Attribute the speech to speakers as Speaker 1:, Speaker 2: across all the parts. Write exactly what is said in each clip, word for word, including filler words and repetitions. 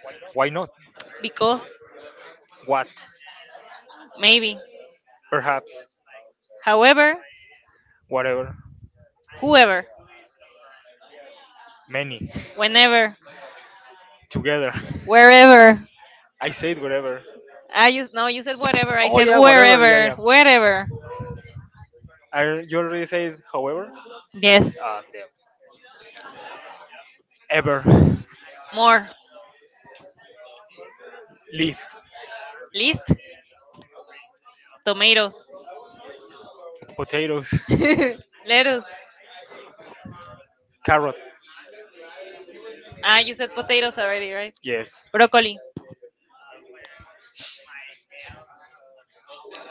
Speaker 1: Why not?
Speaker 2: because,
Speaker 1: What?
Speaker 2: maybe,
Speaker 1: Perhaps.
Speaker 2: however,
Speaker 1: Whatever.
Speaker 2: whoever,
Speaker 1: Many.
Speaker 2: whenever,
Speaker 1: Together.
Speaker 2: wherever.
Speaker 1: I said whatever.
Speaker 2: I just no, you said whatever. I said wherever, wherever.
Speaker 1: Are you already said however?
Speaker 2: Yes,
Speaker 1: Uh, damn. Ever.
Speaker 2: more
Speaker 1: List.
Speaker 2: list tomatoes,
Speaker 1: Potatoes.
Speaker 2: lettuce.
Speaker 1: Carrot.
Speaker 2: Ah, you said potatoes already, right?
Speaker 1: Yes.
Speaker 2: Broccoli.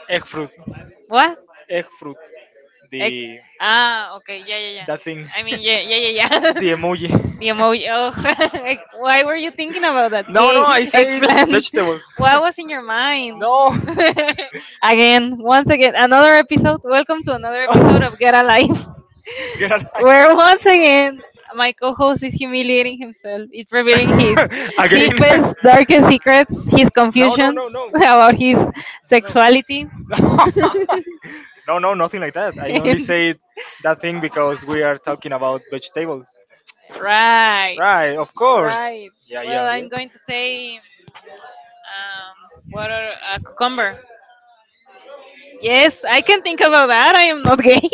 Speaker 1: Egg fruit.
Speaker 2: What?
Speaker 1: Egg fruit.
Speaker 2: Egg.
Speaker 1: The
Speaker 2: Ah, okay, yeah, yeah, yeah.
Speaker 1: That thing.
Speaker 2: I mean, yeah, yeah, yeah,
Speaker 1: The
Speaker 2: yeah.
Speaker 1: emoji.
Speaker 2: The emoji. Oh, like, why were you thinking about that?
Speaker 1: No, no.
Speaker 2: Gay
Speaker 1: I said
Speaker 2: eggplant.
Speaker 1: vegetables.
Speaker 2: What was in your mind?
Speaker 1: No.
Speaker 2: Again, once again, another episode. Welcome to another episode of Get Alive,
Speaker 1: Get out.
Speaker 2: where once again my co-host is humiliating himself. It's revealing his
Speaker 1: I-
Speaker 2: deepest, darkest secrets, his confusions about his sexuality.
Speaker 1: no, no, nothing like that. I only
Speaker 2: And-
Speaker 1: said that thing because we are talking about vegetables.
Speaker 2: right,
Speaker 1: Right, of course.
Speaker 2: right.
Speaker 1: Yeah.
Speaker 2: Well, I'm going to say. Um, what are uh, cucumber? Yes, I can think about that. I am not gay.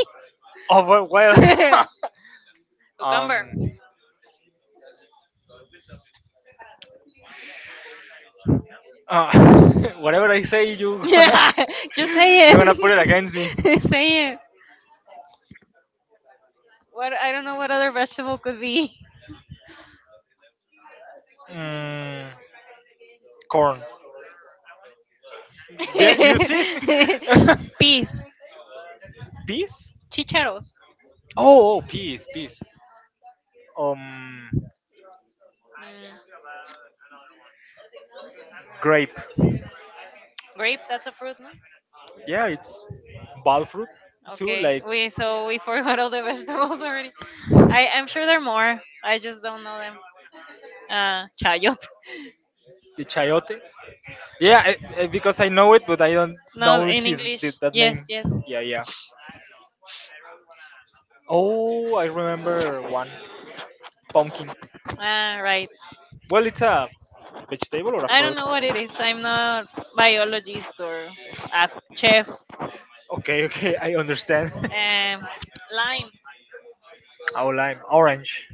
Speaker 1: Oh well, well.
Speaker 2: Cucumber.
Speaker 1: um, uh, whatever I say, you
Speaker 2: Yeah, just say
Speaker 1: gonna put it against me.
Speaker 2: it. Say it. What I don't know what other vegetable could be.
Speaker 1: Mm, corn. Yeah, you see.
Speaker 2: Peas,
Speaker 1: peas?
Speaker 2: chicharos.
Speaker 1: Oh, oh, peas, peas. Um,
Speaker 2: Mm,
Speaker 1: grape.
Speaker 2: Grape, that's a fruit, no?
Speaker 1: Yeah, it's ball fruit too,
Speaker 2: Okay,
Speaker 1: like
Speaker 2: we so we forgot all the vegetables already. I I'm sure there are more. I just don't know them. Uh, child.
Speaker 1: the chayote. Yeah, I, I- because I know it, but I don't
Speaker 2: No,
Speaker 1: know
Speaker 2: in
Speaker 1: his the,
Speaker 2: English.
Speaker 1: that
Speaker 2: Yes,
Speaker 1: name.
Speaker 2: yes.
Speaker 1: Yeah, yeah. Oh, I remember one pumpkin.
Speaker 2: Ah, right.
Speaker 1: Well, it's a vegetable or
Speaker 2: I don't know what it is. I'm not biologist or a chef.
Speaker 1: okay, okay, I understand.
Speaker 2: Um, lime,
Speaker 1: oh, lime. Orange.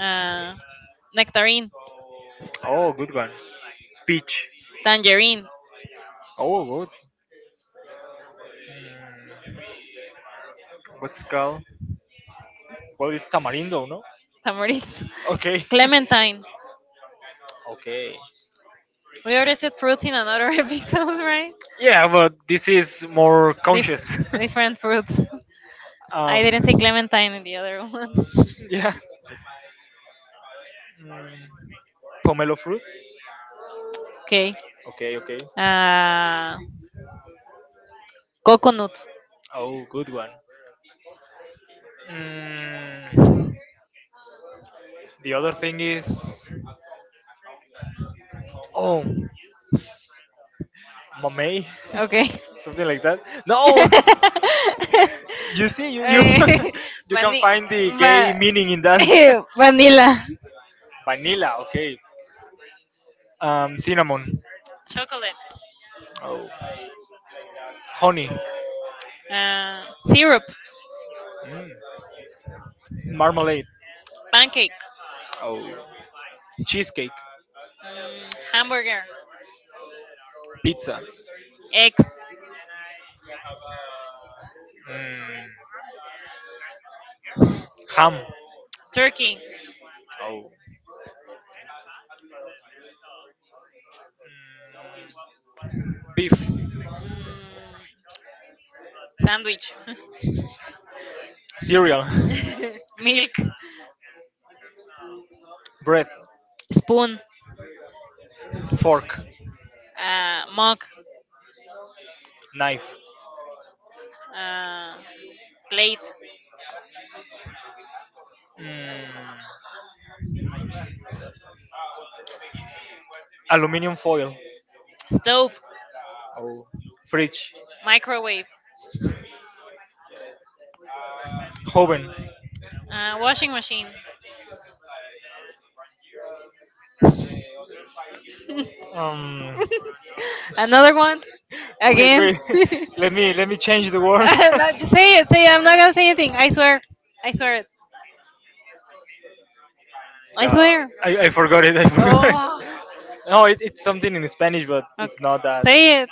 Speaker 2: uh, nectarine,
Speaker 1: Oh, good one. Peach.
Speaker 2: tangerine,
Speaker 1: Oh, good. Mm, what's it called? Well, it's tamarindo, no?
Speaker 2: tamarind,
Speaker 1: Okay.
Speaker 2: clementine.
Speaker 1: Okay.
Speaker 2: We already said fruits in another episode, right?
Speaker 1: Yeah, but this is more conscious.
Speaker 2: Dif- different fruits. I didn't
Speaker 1: um,
Speaker 2: say clementine in the other one.
Speaker 1: yeah. Mm, pomelo fruit.
Speaker 2: Okay.
Speaker 1: Okay. Okay.
Speaker 2: Uh, coconut.
Speaker 1: Oh, good one. Mm, the other thing is, oh, mamey,
Speaker 2: Okay.
Speaker 1: something like that. No, you see, you you
Speaker 2: Eh,
Speaker 1: you
Speaker 2: vani-
Speaker 1: find the gay
Speaker 2: va-
Speaker 1: meaning in that.
Speaker 2: Vanilla.
Speaker 1: Vanilla, okay. Um, cinnamon.
Speaker 2: Chocolate.
Speaker 1: Oh, honey.
Speaker 2: Uh, syrup.
Speaker 1: Mm. Marmalade.
Speaker 2: Pancake.
Speaker 1: Oh, cheesecake.
Speaker 2: Mm, hamburger.
Speaker 1: Pizza.
Speaker 2: Eggs.
Speaker 1: Mm. Ham.
Speaker 2: Turkey.
Speaker 1: Oh, mm. Beef.
Speaker 2: Mm, sandwich.
Speaker 1: Cereal.
Speaker 2: Milk.
Speaker 1: Bread.
Speaker 2: Spoon.
Speaker 1: Fork.
Speaker 2: Uh, mug.
Speaker 1: Knife.
Speaker 2: Uh, plate.
Speaker 1: Mm. Aluminium foil.
Speaker 2: Stove.
Speaker 1: Oh, fridge.
Speaker 2: Microwave.
Speaker 1: Oven.
Speaker 2: Uh, washing machine.
Speaker 1: Um,
Speaker 2: Another one? Again? No,
Speaker 1: let me let me
Speaker 2: just
Speaker 1: change the word.
Speaker 2: say it. Say it. I'm not gonna say anything. I swear. I swear it. I swear.
Speaker 1: I, I forgot it. I forgot it.
Speaker 2: Oh.
Speaker 1: No, it, it's something in Spanish, but it's
Speaker 2: Okay.
Speaker 1: not that
Speaker 2: Say it.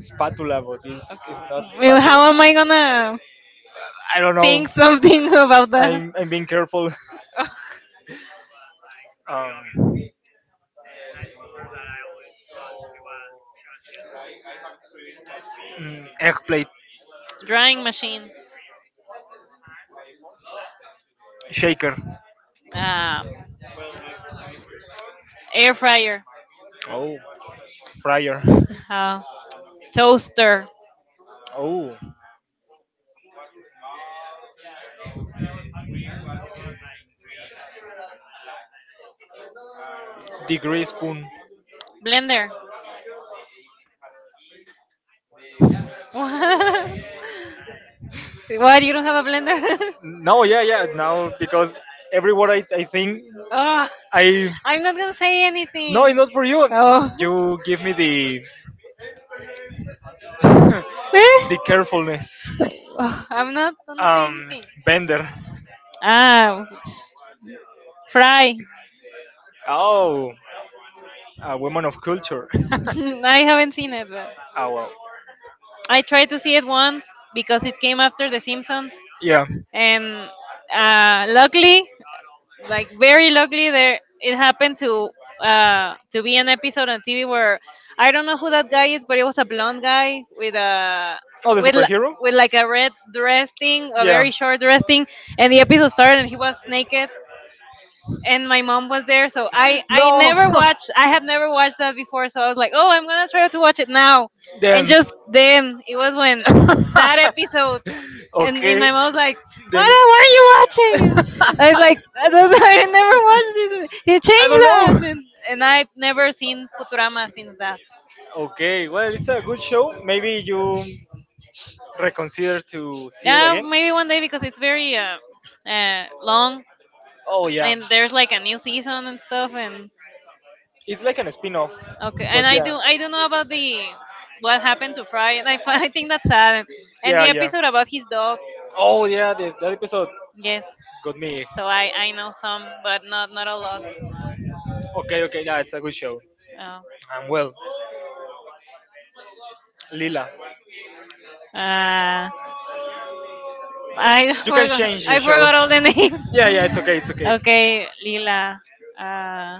Speaker 1: spatula. But it's it's
Speaker 2: Okay.
Speaker 1: not.
Speaker 2: Well,
Speaker 1: Spa-
Speaker 2: how am I gonna
Speaker 1: I don't know.
Speaker 2: think something about that?
Speaker 1: I'm, I'm being careful. Um, mm, egg plate
Speaker 2: Drying machine.
Speaker 1: shaker.
Speaker 2: Um, air fryer.
Speaker 1: Oh, fryer.
Speaker 2: Uh, toaster.
Speaker 1: Oh, degree spoon.
Speaker 2: Blender. What? What? You don't have a blender?
Speaker 1: No, yeah, yeah. Now because every word I, I think
Speaker 2: Oh,
Speaker 1: I
Speaker 2: I'm not gonna say
Speaker 1: why
Speaker 2: anything.
Speaker 1: not for you.
Speaker 2: Oh.
Speaker 1: You give me the
Speaker 2: Eh?
Speaker 1: the carefulness.
Speaker 2: Oh, I'm not gonna say
Speaker 1: Um,
Speaker 2: anything.
Speaker 1: bender.
Speaker 2: Ah, Fry.
Speaker 1: Oh, a woman of culture.
Speaker 2: I haven't seen it, but
Speaker 1: ah well,
Speaker 2: I tried to see it once because it came after The Simpsons,
Speaker 1: yeah.
Speaker 2: and uh, luckily, like, very luckily, there it happened to uh to be an episode on T V where I don't know who that guy is, but it was a blonde guy with a with
Speaker 1: Oh,
Speaker 2: li-
Speaker 1: hero.
Speaker 2: with like a red dress thing, a very short dress thing, and the episode started and he was naked, and my mom was there, so I I never watched, I had never watched that before, so I was like, "Oh, I'm gonna try to watch it now," and
Speaker 1: The,
Speaker 2: just then it was when that episode, and, and my mom was like, "Why, don't- why are you watching?"
Speaker 1: the
Speaker 2: I was like, "I, don't, know, I never watched this. He changed that." And, and I've never seen Futurama since that.
Speaker 1: okay, well, it's a good show. Maybe you reconsider to. See.
Speaker 2: Yeah, maybe one day because it's very uh, uh, long,
Speaker 1: Oh yeah,
Speaker 2: and there's like a new season and stuff. And
Speaker 1: it's like an spin-off.
Speaker 2: okay, and i do i don't know about the what happened to Fry, and i, fi- I think that's sad, and, and the episode about his dog,
Speaker 1: Oh yeah, the, that episode
Speaker 2: yes.
Speaker 1: got me.
Speaker 2: So i i know some, but not not a lot.
Speaker 1: Okay, okay, yeah, it's a good show.
Speaker 2: Oh.
Speaker 1: And well, Lila.
Speaker 2: Uh, I forgot. I forgot all the names. Okay, Lila. Uh,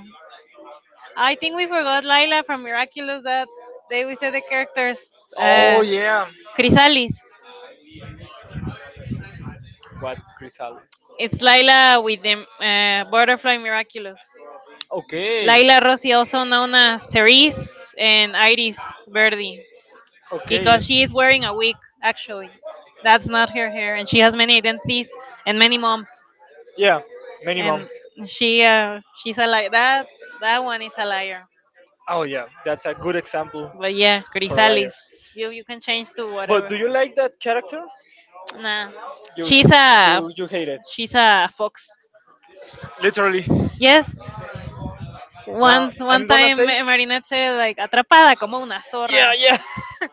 Speaker 2: I think we forgot Lila from Miraculous. That they we said the characters.
Speaker 1: Oh
Speaker 2: Uh,
Speaker 1: yeah,
Speaker 2: Chrysalis.
Speaker 1: what's Chrysalis?
Speaker 2: It's Lila with the uh, butterfly Miraculous.
Speaker 1: Okay,
Speaker 2: Lila Rossi, also known as Cerise and Iris Verdi,
Speaker 1: okay,
Speaker 2: because she is wearing a wig. Actually, that's not her hair, and she has many identities and many moms,
Speaker 1: yeah, many
Speaker 2: and
Speaker 1: moms.
Speaker 2: she uh, she's a li- that that one is a liar.
Speaker 1: Oh yeah, that's a good example.
Speaker 2: But yeah, Grisalis, you you can change to
Speaker 1: But
Speaker 2: whatever.
Speaker 1: do you like that character?
Speaker 2: Nah, she's a
Speaker 1: Do you hate it?
Speaker 2: she's a fox.
Speaker 1: Literally.
Speaker 2: Yes,
Speaker 1: No.
Speaker 2: once
Speaker 1: I
Speaker 2: one time eh, Marinette said like atrapada como una
Speaker 1: yeah,
Speaker 2: zorra.
Speaker 1: yeah.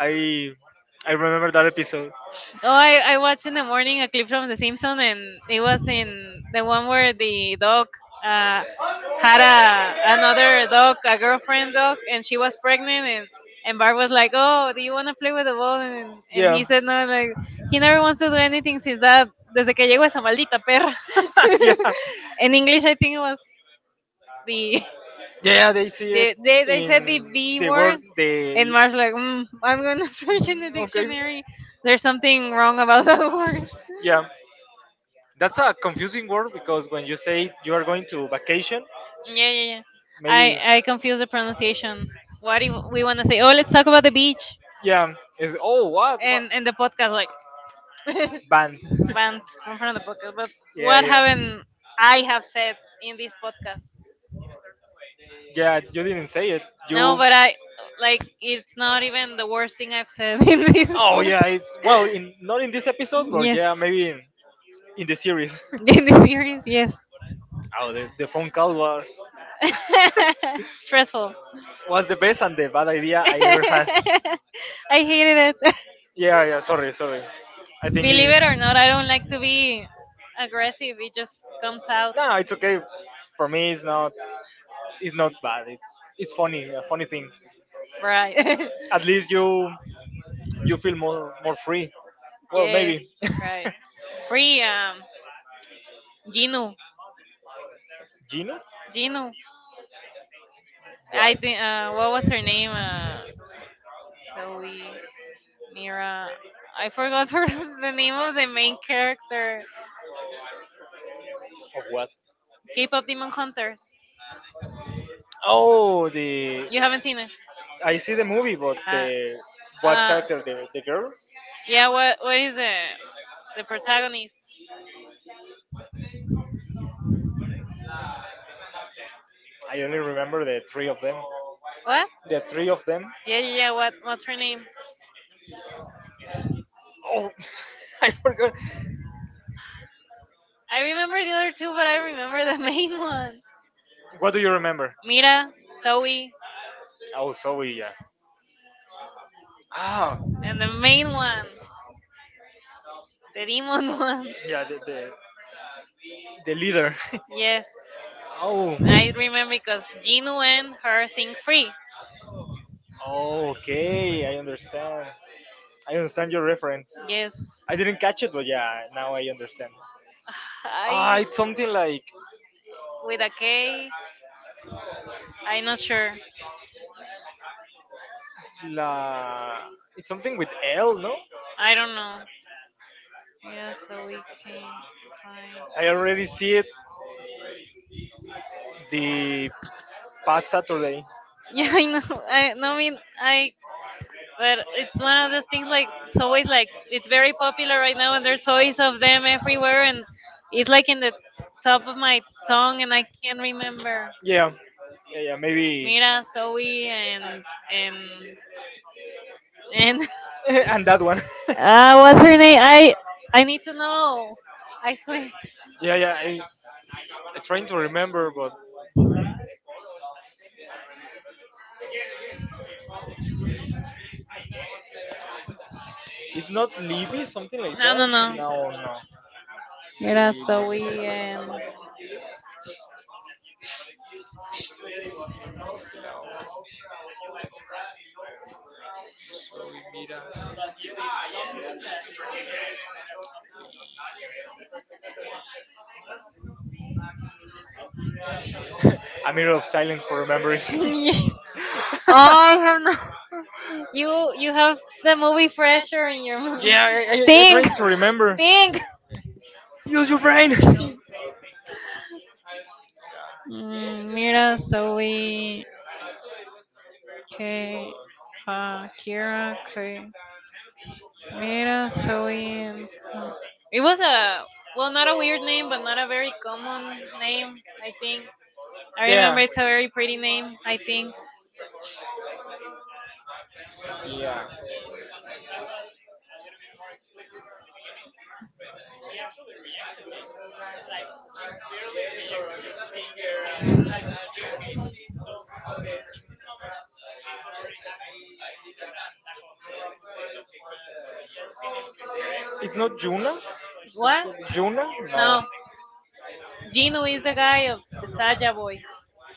Speaker 1: I I remember that episode.
Speaker 2: Oh, I, I watched in the morning a clip from The Simpsons, and it was in the one where the dog uh, had a another dog, a girlfriend dog, and she was pregnant, and and Bart was like, "Oh, do you want to play with the ball?" And and
Speaker 1: Yeah,
Speaker 2: he said, "No, like he never wants to do anything since that desde que llegó esa maldita perra."
Speaker 1: yeah,
Speaker 2: In English, I think it was the
Speaker 1: yeah. They see
Speaker 2: they they, they said the B word,
Speaker 1: the
Speaker 2: and Mark's like, mm, I'm gonna search in the dictionary. There's something wrong about that word.
Speaker 1: yeah. That's a confusing word because when you say you are going to vacation,
Speaker 2: Yeah, yeah, yeah.
Speaker 1: ma-
Speaker 2: I I confuse the pronunciation. What do you- we want to say? Oh, let's talk about the beach,
Speaker 1: yeah, it's oh what
Speaker 2: and and the podcast like
Speaker 1: band.
Speaker 2: banned in front of the podcast. But
Speaker 1: Yeah,
Speaker 2: what haven't I have said in this podcast?
Speaker 1: yeah. You didn't say it.
Speaker 2: No, but I, like, it's not even the worst thing I've said in this
Speaker 1: Oh yeah,
Speaker 2: podcast.
Speaker 1: it's well in not in this episode, but
Speaker 2: Yes,
Speaker 1: yeah, maybe in, in the series.
Speaker 2: in the series, yes.
Speaker 1: oh, the, the phone call was
Speaker 2: Stressful.
Speaker 1: was the best and the bad idea.
Speaker 2: I hated it.
Speaker 1: Yeah, yeah. Sorry, sorry. I think.
Speaker 2: Believe it or not, I don't like to be aggressive. It just comes out
Speaker 1: No, it's okay. For me, it's not. It's not bad. It's it's funny. A funny thing.
Speaker 2: right.
Speaker 1: At least you you feel more more free. Well, maybe.
Speaker 2: Yes, right. Free um Gino.
Speaker 1: Gino
Speaker 2: Gino. I think uh what was her name? Uh Zoe, Mira. I forgot her the name of the main character.
Speaker 1: of what?
Speaker 2: K pop Demon Hunters.
Speaker 1: Oh, the
Speaker 2: You haven't seen it?
Speaker 1: I see the movie, but
Speaker 2: Uh,
Speaker 1: the the
Speaker 2: uh,
Speaker 1: the the girls.
Speaker 2: yeah. What? What is the the protagonist?
Speaker 1: I only remember the three of them.
Speaker 2: What?
Speaker 1: The three of them.
Speaker 2: Yeah, yeah, yeah. What? What's her name?
Speaker 1: Oh, I forgot.
Speaker 2: I remember the other two, but I remember the main one.
Speaker 1: What do you remember?
Speaker 2: Mira, Zoe,
Speaker 1: Oh, Zoe. Yeah. Ah,
Speaker 2: and the main one, the demon one.
Speaker 1: yeah. The the, the leader.
Speaker 2: Yes,
Speaker 1: oh.
Speaker 2: I remember because Jinu and her sing free.
Speaker 1: Okay, I understand. I understand your reference.
Speaker 2: Yes,
Speaker 1: I didn't catch it, but yeah, now I understand. Ah,
Speaker 2: I,
Speaker 1: it's something like
Speaker 2: with a K. I'm not sure.
Speaker 1: it's la. It's something with L, no?
Speaker 2: I don't know. Yeah, so we can kind.
Speaker 1: I already see it the past Saturday.
Speaker 2: Yeah, I know. I no, I mean, I. But it's one of those things like it's always, like, it's very popular right now, and there are toys of them everywhere, and it's like in the top of my tongue, and I can't remember.
Speaker 1: Yeah, yeah, yeah. Maybe
Speaker 2: Mira, Zoe, and and and
Speaker 1: and that one.
Speaker 2: Ah, what's her name? I I need to know. I swear.
Speaker 1: yeah, yeah. I, I'm trying to remember, but it's not Libby, something like
Speaker 2: No,
Speaker 1: that.
Speaker 2: no, no.
Speaker 1: No, no.
Speaker 2: Mira, Zoe, and
Speaker 1: A mirror of silence for remembering.
Speaker 2: yes. Oh, I have not. You you have the movie fresher in your mind.
Speaker 1: yeah, I, I I
Speaker 2: Think,
Speaker 1: need to remember.
Speaker 2: think.
Speaker 1: Use your brain.
Speaker 2: Mm, Mira, Zoe, K, uh, Kira, K. Mira, Zoe, and Ka- It was a well, not a weird name, but not a very common name. I think I remember it's a very pretty name. I think
Speaker 1: Yeah. It's not Juna?
Speaker 2: what?
Speaker 1: Juna?
Speaker 2: No, Gino is the guy of the Saja Boys.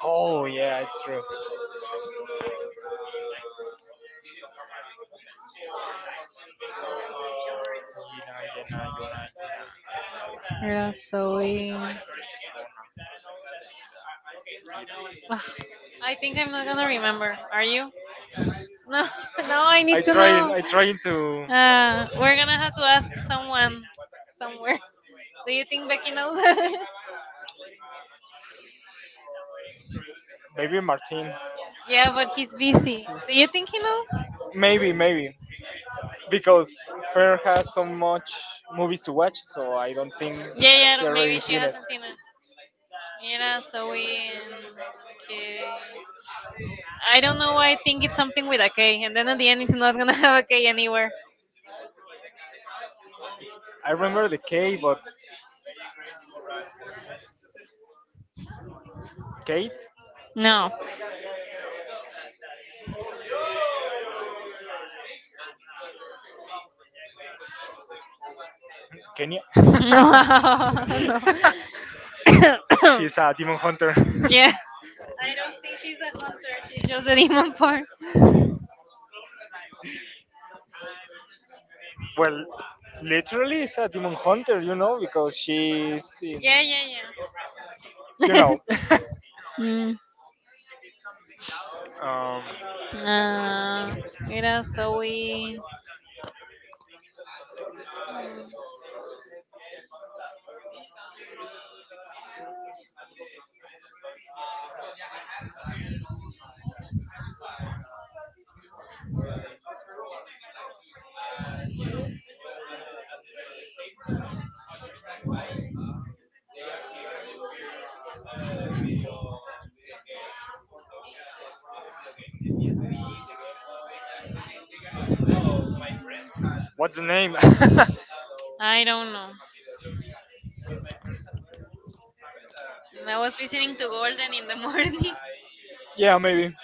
Speaker 1: Oh yeah, it's true.
Speaker 2: Mira, Zoe. Ugh, I think I'm not gonna remember. Are you? No, no, I
Speaker 1: I
Speaker 2: need to
Speaker 1: trying
Speaker 2: know.
Speaker 1: I trying to
Speaker 2: Uh, we're gonna have to ask someone somewhere. Do you think Becky knows?
Speaker 1: maybe Martin.
Speaker 2: Yeah, but he's busy. Do you think he knows?
Speaker 1: Maybe, maybe. Because Fer has so much movies to watch, so I don't think
Speaker 2: Yeah, yeah, no, maybe
Speaker 1: I've
Speaker 2: she
Speaker 1: seen it.
Speaker 2: hasn't seen it. Mira, Zoe, and K. I don't know why I think it's something with a K, and then at the end it's not gonna have a K anywhere.
Speaker 1: It's, I remember the K but Kate?
Speaker 2: No.
Speaker 1: Kenya?
Speaker 2: No. No.
Speaker 1: She's a demon hunter.
Speaker 2: Yeah. I don't think she's a hunter. She's just a demon part.
Speaker 1: well literally is a demon hunter, you know, because she's in
Speaker 2: Yeah, yeah,
Speaker 1: you
Speaker 2: yeah.
Speaker 1: know.
Speaker 2: Mm,
Speaker 1: um
Speaker 2: uh, what else are Mm,
Speaker 1: what's the name?
Speaker 2: I don't know. I was listening to Golden in the morning.
Speaker 1: yeah, maybe.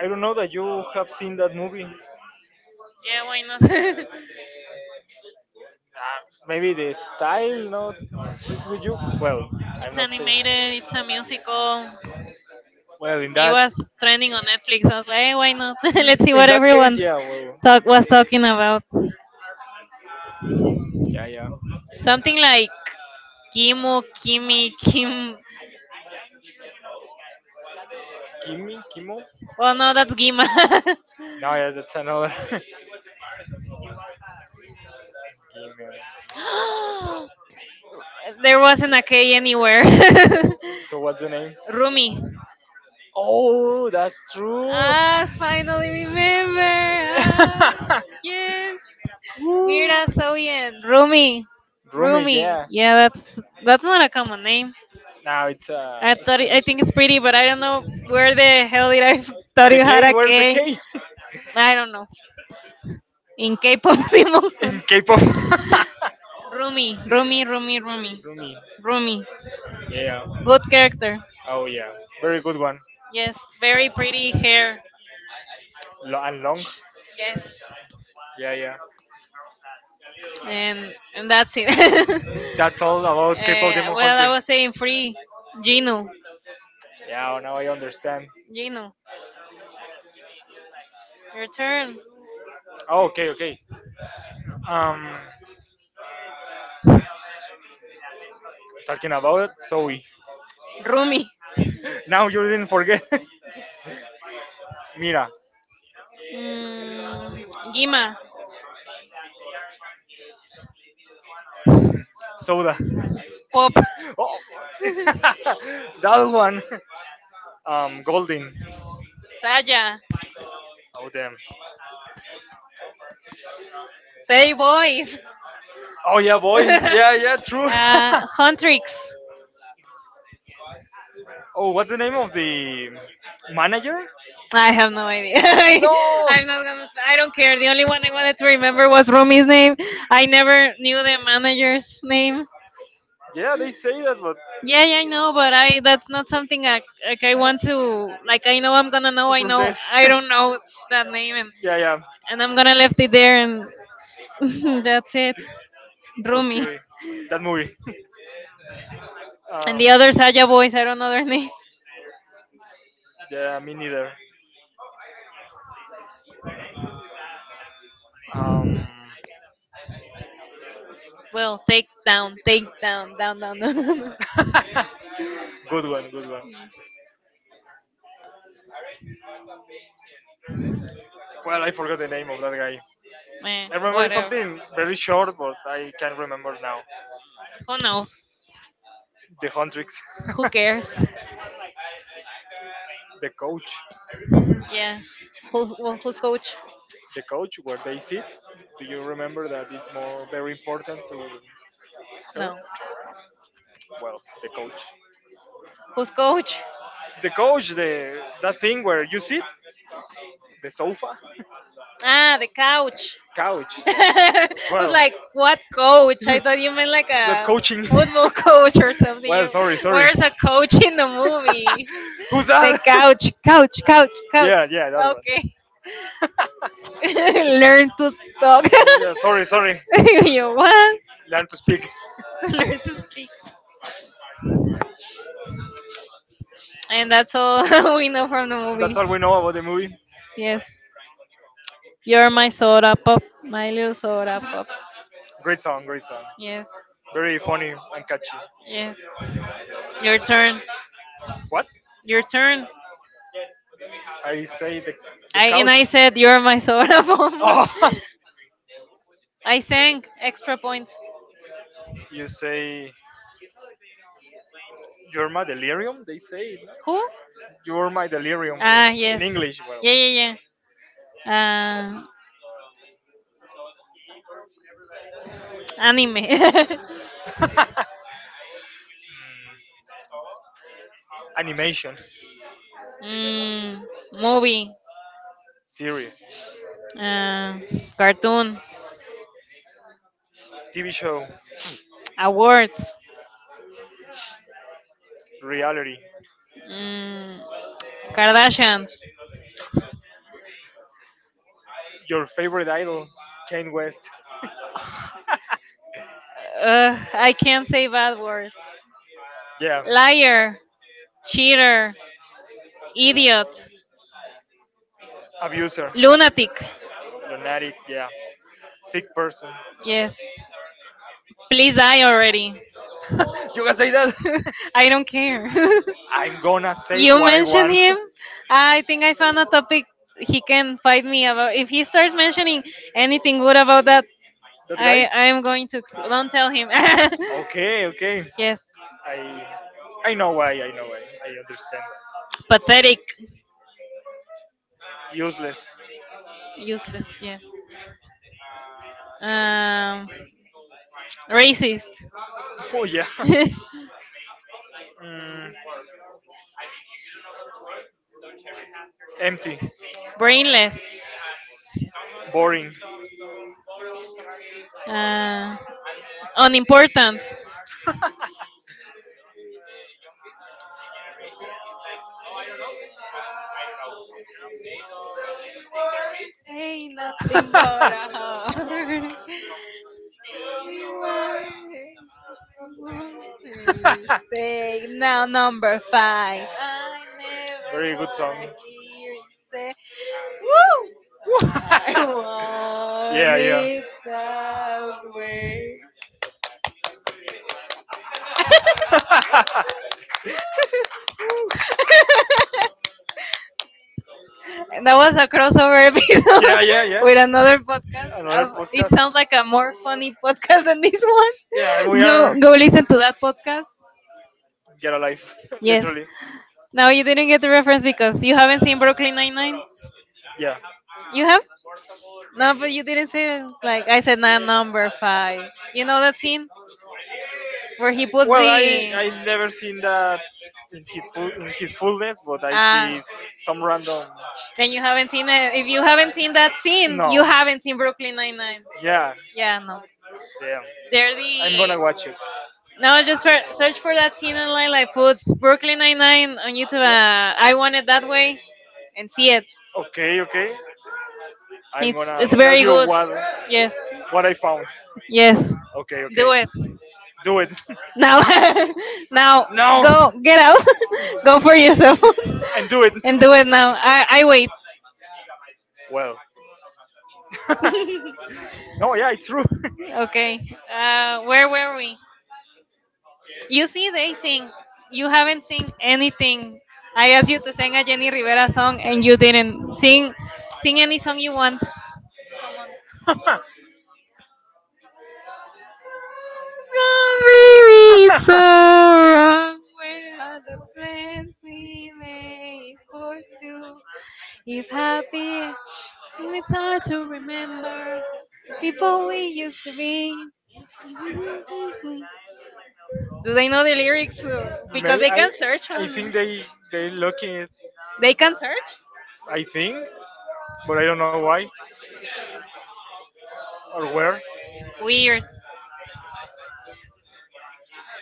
Speaker 1: I don't know that you have seen that movie. Uh,
Speaker 2: Yeah, why not? It's
Speaker 1: maybe the style not fits with you. Well, I'm
Speaker 2: animated. It's a musical.
Speaker 1: well in
Speaker 2: It
Speaker 1: that.
Speaker 2: was trending on Netflix. I was like, hey, why not? Let's see what everyone's talk was talking about.
Speaker 1: Yeah, yeah.
Speaker 2: Something like Kimu, Kimi, Kim.
Speaker 1: Kimi, Kimo.
Speaker 2: Well, no, that's Gima.
Speaker 1: No, yeah, that's another. Kimi.
Speaker 2: There wasn't a K anywhere.
Speaker 1: So what's the name?
Speaker 2: Rumi.
Speaker 1: Oh, that's true.
Speaker 2: I finally remember. Ah, yes.
Speaker 1: Woo.
Speaker 2: Mira, Soyen. Rumi.
Speaker 1: Room.
Speaker 2: Rumi. Yeah, that's that's not a common name.
Speaker 1: Now it's uh.
Speaker 2: I thought it, I think it's pretty, but I don't know where the hell did I thought you had a K.
Speaker 1: Hey,
Speaker 2: I don't know. In K-pop, Simon.
Speaker 1: in K-pop.
Speaker 2: Rumi, Rumi, Rumi, Rumi,
Speaker 1: Rumi.
Speaker 2: Rumi.
Speaker 1: Yeah, yeah.
Speaker 2: Good character.
Speaker 1: Oh yeah. Very good one.
Speaker 2: Yes, very pretty hair.
Speaker 1: Lo- and long.
Speaker 2: Yes.
Speaker 1: Yeah, yeah.
Speaker 2: and and that's it. uh,
Speaker 1: That's all about K-pop.
Speaker 2: well, I was saying free. Gino,
Speaker 1: Now, now I understand.
Speaker 2: Gino, your turn.
Speaker 1: Oh, okay, okay. Um, talking about it, Zoe.
Speaker 2: Rumi,
Speaker 1: Now you didn't forget. Mira,
Speaker 2: mm, Gima,
Speaker 1: soda.
Speaker 2: Pop,
Speaker 1: Oh, that one. Um, Golding.
Speaker 2: Saya,
Speaker 1: Oh damn.
Speaker 2: Say Boys.
Speaker 1: Oh yeah,
Speaker 2: Uh,
Speaker 1: boys. Yeah, yeah, true.
Speaker 2: Huntrix.
Speaker 1: oh, what's the name of the manager?
Speaker 2: I have no idea. I'm not gonna. sp- I don't care. The only one I wanted to remember was Rumi's name. I never knew the manager's name.
Speaker 1: Yeah, they say that, but
Speaker 2: Yeah, yeah, I know, but I that's not something I like. I want to like. I know I'm gonna know. I know. I don't know that name, and
Speaker 1: yeah, yeah.
Speaker 2: and I'm gonna left it there, and that's it. Rumi
Speaker 1: Okay, that movie.
Speaker 2: and
Speaker 1: Uh,
Speaker 2: the other Saya boys. I don't know their names.
Speaker 1: yeah, me neither. Um,
Speaker 2: Well, take down, take down, down, down, down.
Speaker 1: good one, good one. Well, I forgot the name of that guy.
Speaker 2: Man,
Speaker 1: I remember
Speaker 2: whatever.
Speaker 1: something very short, but I can't remember now.
Speaker 2: Who knows?
Speaker 1: The Huntrix,
Speaker 2: Who cares?
Speaker 1: the coach,
Speaker 2: Yeah. Who, who who's coach?
Speaker 1: the coach where they sit. Do you remember that is more very important to her?
Speaker 2: No.
Speaker 1: Well, the coach,
Speaker 2: Who's coach?
Speaker 1: the coach, the that thing where you sit, the sofa,
Speaker 2: Ah, the couch.
Speaker 1: couch,
Speaker 2: I was like, what coach? I thought you meant like a
Speaker 1: coaching.
Speaker 2: football coach or something.
Speaker 1: Well,
Speaker 2: You,
Speaker 1: sorry, sorry.
Speaker 2: where's a coach in the movie?
Speaker 1: Who's that?
Speaker 2: The couch, couch, couch, couch.
Speaker 1: Yeah,
Speaker 2: Yeah. Okay. Learn to talk.
Speaker 1: that- yeah. Sorry, sorry.
Speaker 2: You what?
Speaker 1: Learn to speak.
Speaker 2: Learn to speak. And that's all we know from the movie.
Speaker 1: That's all we know about the movie.
Speaker 2: Yes. You're my soda pop. My little soda pop.
Speaker 1: Great song, great song.
Speaker 2: Yes.
Speaker 1: Very funny and catchy.
Speaker 2: Yes. Your turn.
Speaker 1: What?
Speaker 2: Your turn.
Speaker 1: I say the.
Speaker 2: I and I said you're my soda bomb.
Speaker 1: Oh,
Speaker 2: I sang extra points.
Speaker 1: you say you're my delirium. They say no?
Speaker 2: Who?
Speaker 1: You're my delirium.
Speaker 2: Ah, yes.
Speaker 1: English.
Speaker 2: Yeah, yeah, yeah. Uh, anime.
Speaker 1: Mm, animation,
Speaker 2: mm, movie.
Speaker 1: series,
Speaker 2: Uh, cartoon.
Speaker 1: T V show,
Speaker 2: Awards.
Speaker 1: reality.
Speaker 2: Mm, Kardashians.
Speaker 1: Your favorite idol, Kane West.
Speaker 2: Uh, I can't say bad words.
Speaker 1: Yeah,
Speaker 2: Liar. Cheater. Idiot.
Speaker 1: abuser,
Speaker 2: Lunatic.
Speaker 1: lunatic. Yeah, sick person.
Speaker 2: Yes. Please die already.
Speaker 1: you can say that.
Speaker 2: I don't care.
Speaker 1: I'm gonna say
Speaker 2: You mentioned him. I think I found a topic he can fight me about. If he starts mentioning anything good about that, I I am going to explode. Don't tell him.
Speaker 1: okay, okay.
Speaker 2: Yes,
Speaker 1: I I know why. I know why. I understand. That.
Speaker 2: pathetic,
Speaker 1: Useless.
Speaker 2: useless. Yeah. Um, Racist,
Speaker 1: Oh yeah. Mm, empty.
Speaker 2: brainless,
Speaker 1: Boring.
Speaker 2: uh, unimportant. Ain't nothing but a heart. We want it. Say now number five. I never
Speaker 1: Very good song.
Speaker 2: wanna hear you say. Woo! I want
Speaker 1: yeah, yeah.
Speaker 2: it that way.
Speaker 1: yeah,
Speaker 2: And that was a crossover video
Speaker 1: yeah, yeah.
Speaker 2: with another podcast. Uh, It sounds like a more funny podcast than this
Speaker 1: Yeah, and
Speaker 2: one.
Speaker 1: we
Speaker 2: Go
Speaker 1: are
Speaker 2: go listen to that podcast.
Speaker 1: get alive,
Speaker 2: Yes.
Speaker 1: literally.
Speaker 2: Now you didn't get the reference because you haven't seen Brooklyn Nine Nine.
Speaker 1: Yeah.
Speaker 2: You have? No, but you didn't say it like I said. Not number five. You know that scene where he puts
Speaker 1: Well, I
Speaker 2: the.
Speaker 1: I never seen that in his full in his fullness, but I
Speaker 2: Ah.
Speaker 1: some random.
Speaker 2: Then you haven't seen it. If you haven't seen that scene, you haven't seen Brooklyn Nine Nine.
Speaker 1: Yeah,
Speaker 2: Yeah, no.
Speaker 1: damn.
Speaker 2: They're the.
Speaker 1: Watch it.
Speaker 2: No, just for, search for that scene online. Like put Brooklyn Nine Nine on YouTube. Uh, I want it that way, and see it.
Speaker 1: Okay, okay. I'm
Speaker 2: It's
Speaker 1: gonna
Speaker 2: it's very good. Yes.
Speaker 1: what I found.
Speaker 2: Yes.
Speaker 1: Okay,
Speaker 2: Do
Speaker 1: okay.
Speaker 2: it
Speaker 1: Do it
Speaker 2: now. Now go get out. Go for yourself
Speaker 1: and do it
Speaker 2: and do it now. I I wait.
Speaker 1: well. no, yeah, it's true.
Speaker 2: Okay. Uh, where were we? You see, they sing. You haven't sing anything. I asked you to sing a Jenny Rivera song and you didn't sing. Sing any song you want. Sorry, so wrong. Where are the plans we made for two? If happy, it's hard to remember the people we used to be. Do they know the lyrics? Uh, Because they can search on.
Speaker 1: They they looking it,
Speaker 2: They can search?
Speaker 1: I think, but I don't know why or where.
Speaker 2: Weird.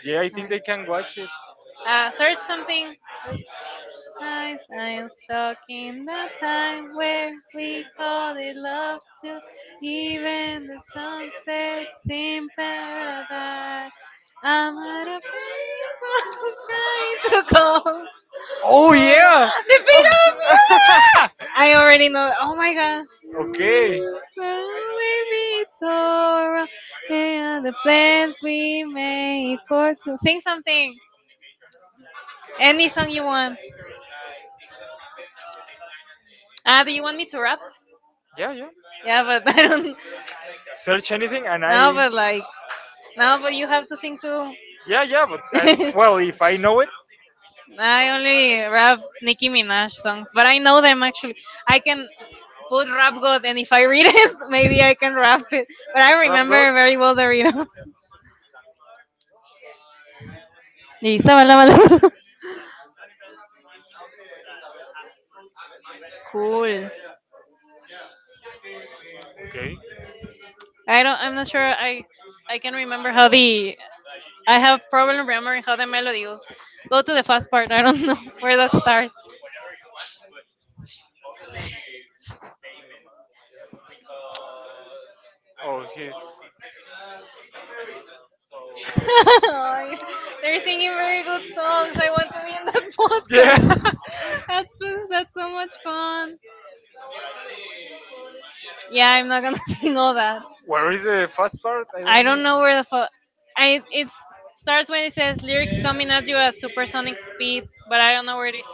Speaker 1: Yeah, I think they can watch it.
Speaker 2: Uh, search something. I am stuck in the time where we called it love to even the sunsets in paradise. I'm out of paper trying to go. Oh,
Speaker 1: Oh
Speaker 2: yeah.
Speaker 1: yeah.
Speaker 2: The beat of music! I already know. Oh my god.
Speaker 1: okay.
Speaker 2: So baby, it's alright. And the plans we made for two. Sing something. Any song you want. Ah, do you want me to rap?
Speaker 1: Yeah, yeah.
Speaker 2: Yeah, but I don't.
Speaker 1: Search anything and
Speaker 2: No,
Speaker 1: I.
Speaker 2: but like, no, but you have to sing too.
Speaker 1: Yeah, yeah. But I, well, if I know it.
Speaker 2: I only rap Nicki Minaj songs, but I know them actually. I can put Rap God, and if I read it, maybe I can rap it. But I remember very well the rhythm. Y sabalabalabala. Cool.
Speaker 1: Okay.
Speaker 2: I don't. I'm not sure. I I can remember how the. I have problem remembering how the melody goes. Go to the fast part. I don't know where that starts.
Speaker 1: Oh, he's.
Speaker 2: Ay, they're singing very good songs. I want to be in that podcast.
Speaker 1: Yeah.
Speaker 2: That's just, that's so much fun. Yeah, I'm not gonna sing all that.
Speaker 1: where is the fast part? I
Speaker 2: I
Speaker 1: don't-
Speaker 2: don't know where the fuck. I it starts when it says lyrics coming at you at supersonic speed, but I don't know where it is.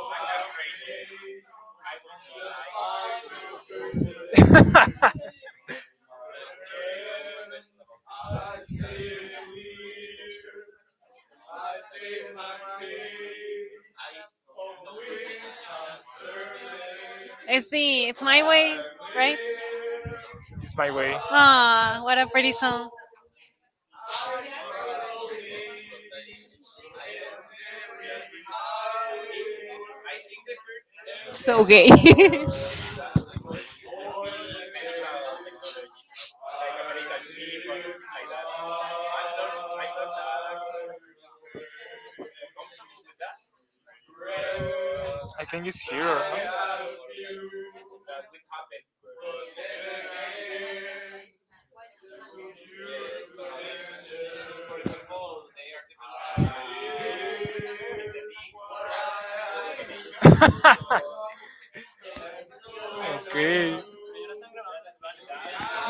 Speaker 2: It's the it's my way, right?
Speaker 1: it's my.
Speaker 2: Ah, what a pretty song. So gay.
Speaker 1: I think it's here. okay.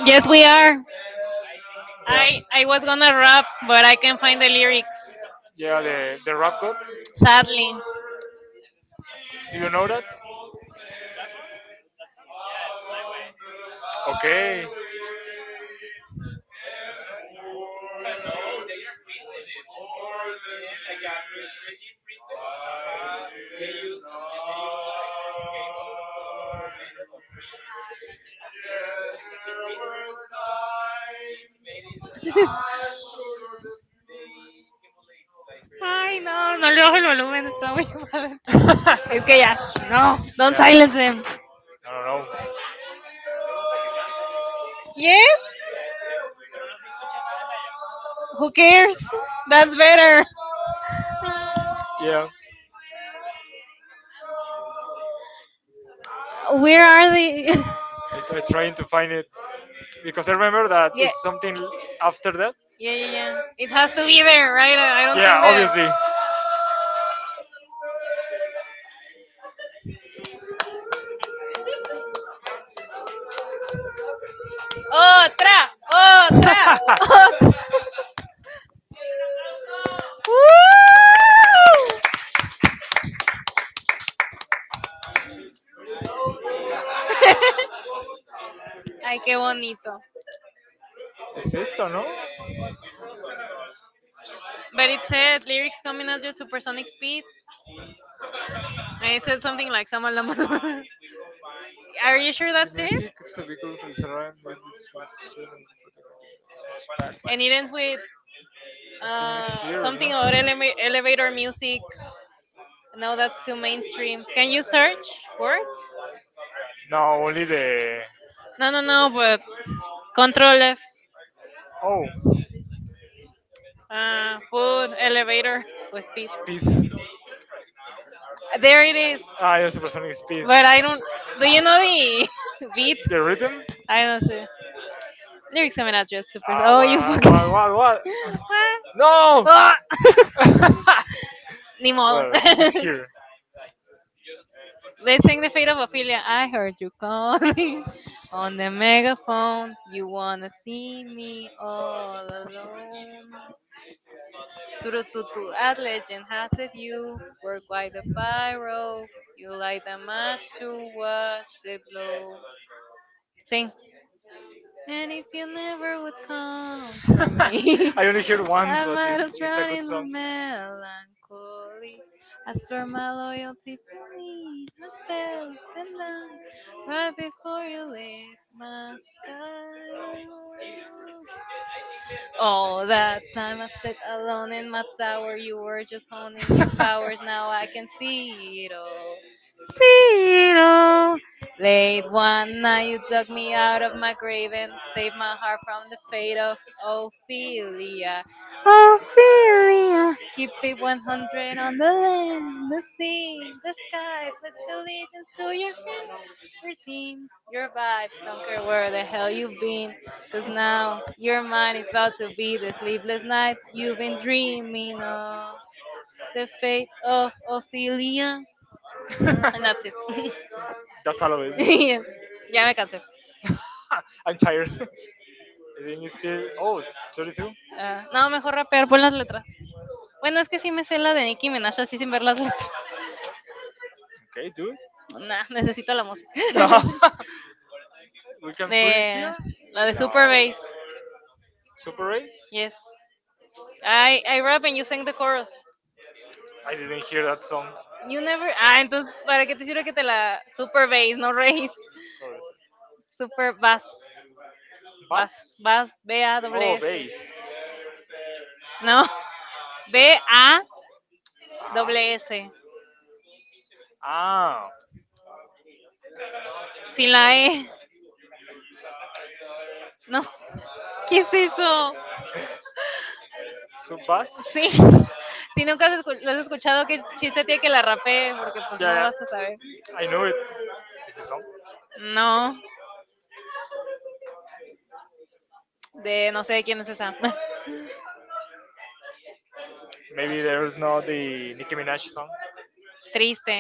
Speaker 2: Yes, we are. I I was gonna rap, but I can't find the lyrics.
Speaker 1: Yeah. The...
Speaker 2: Sadly. Ay, no, no le bajo el volumen, está muy padre.
Speaker 1: yeah,
Speaker 2: Es que ya, sh- no, don't silence them.
Speaker 1: I don't know.
Speaker 2: Yes? Who cares? That's better.
Speaker 1: Yeah,
Speaker 2: Where are they?
Speaker 1: I, I trying to find it because I remember that
Speaker 2: Yeah,
Speaker 1: it's something after that.
Speaker 2: yeah, yeah, yeah. It has to be there, right? I I don't think. Yeah, there.
Speaker 1: Obviously.
Speaker 2: Obviously. Otra, otra, otra. Woo! Ay, qué bonito.
Speaker 1: Es esto, ¿no?
Speaker 2: But it said lyrics coming at your supersonic speed. And it said something like "Sama. Are you sure that's
Speaker 1: It's
Speaker 2: it?
Speaker 1: the vehicle that is arriving with its students and protectors back.
Speaker 2: And it ends with uh, something about eleva- elevator music. No, that's too mainstream. Can you search words?
Speaker 1: No, only the.
Speaker 2: No, no, no, but Control F.
Speaker 1: Oh,
Speaker 2: Uh, food, elevator, to speed.
Speaker 1: speed.
Speaker 2: There it is.
Speaker 1: Ah, yeah, supersonic speed.
Speaker 2: But I don't. Do you know the beat?
Speaker 1: The rhythm?
Speaker 2: I don't see. Lyrics coming out just super. Oh, you fucking.
Speaker 1: What, what, what?
Speaker 2: What?
Speaker 1: No!
Speaker 2: Oh. Ni modo.
Speaker 1: Here.
Speaker 2: Let's sing the fate of Ophelia. I heard you calling on the megaphone. You wanna see me all alone. Turututu as legend has it, you work like the pyro, you light the match to watch it blow. Sing. And if you never would come for me,
Speaker 1: I only hear one.
Speaker 2: I might have drowned in the melancholy. I swore my loyalty to me, myself, and I, right before you lit my sky. Oh, that time I sat alone in my tower, you were just honing your powers. Now I can see it all. See it all. Late one night, you dug me out of my grave and saved my heart from the fate of Ophelia. Ophelia. Keep it one hundred on the land, the sea, the sky. Pledge allegiance to your hand, your team, your vibes. Don't care where the hell you've been. Because now your mind is about to be the sleepless night you've been dreaming of. The fate of Ophelia. And that's it.
Speaker 1: That's all of it.
Speaker 2: Yes. Ya me cansé.
Speaker 1: I'm tired. I think it's still. Oh, thirty-two?
Speaker 2: Ah, no, mejor rapear, pon las letras. Bueno, es que sí me sé la de Nicki Minaj así sin ver las letras.
Speaker 1: Okay, dude.
Speaker 2: Nah, necesito la música.
Speaker 1: we can.
Speaker 2: De la de Super Bass.
Speaker 1: Super Race?
Speaker 2: Yes. I, I rap and you sing the chorus.
Speaker 1: I didn't hear that song.
Speaker 2: You never. Ah, entonces, ¿para qué te sirve que te la Super Bass, no Race?
Speaker 1: Sorry.
Speaker 2: Super Bass. Vas,
Speaker 1: Bus?
Speaker 2: vas, B A S S. No, B A S S.
Speaker 1: Ah,
Speaker 2: Sin la E. No, ¿qué es eso?
Speaker 1: so Bus?
Speaker 2: Sí, si nunca has escu- lo has escuchado, qué chiste tiene que la rapee, porque pues no
Speaker 1: Yeah,
Speaker 2: vas a saber.
Speaker 1: yeah. I know it. It's a song.
Speaker 2: No, de no sé de quién es esa.
Speaker 1: Maybe there's not the Nicki Minaj song.
Speaker 2: Triste,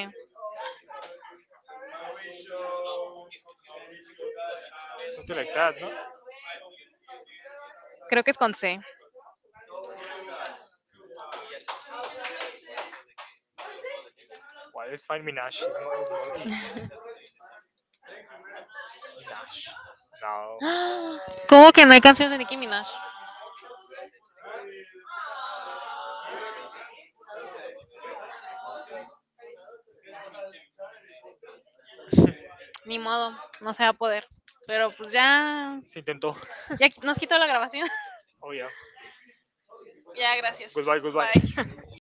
Speaker 2: creo que es con C.
Speaker 1: Well, let's find Minaj. It's more, more easy. Minaj. No.
Speaker 2: ¡Ah! ¿Cómo que no hay canciones de Nicki Minaj? Ni modo, no se va a poder. Pero pues ya,
Speaker 1: Se intentó.
Speaker 2: ya qui- nos quitó la grabación.
Speaker 1: Oh, yeah.
Speaker 2: Ya, gracias. Bye.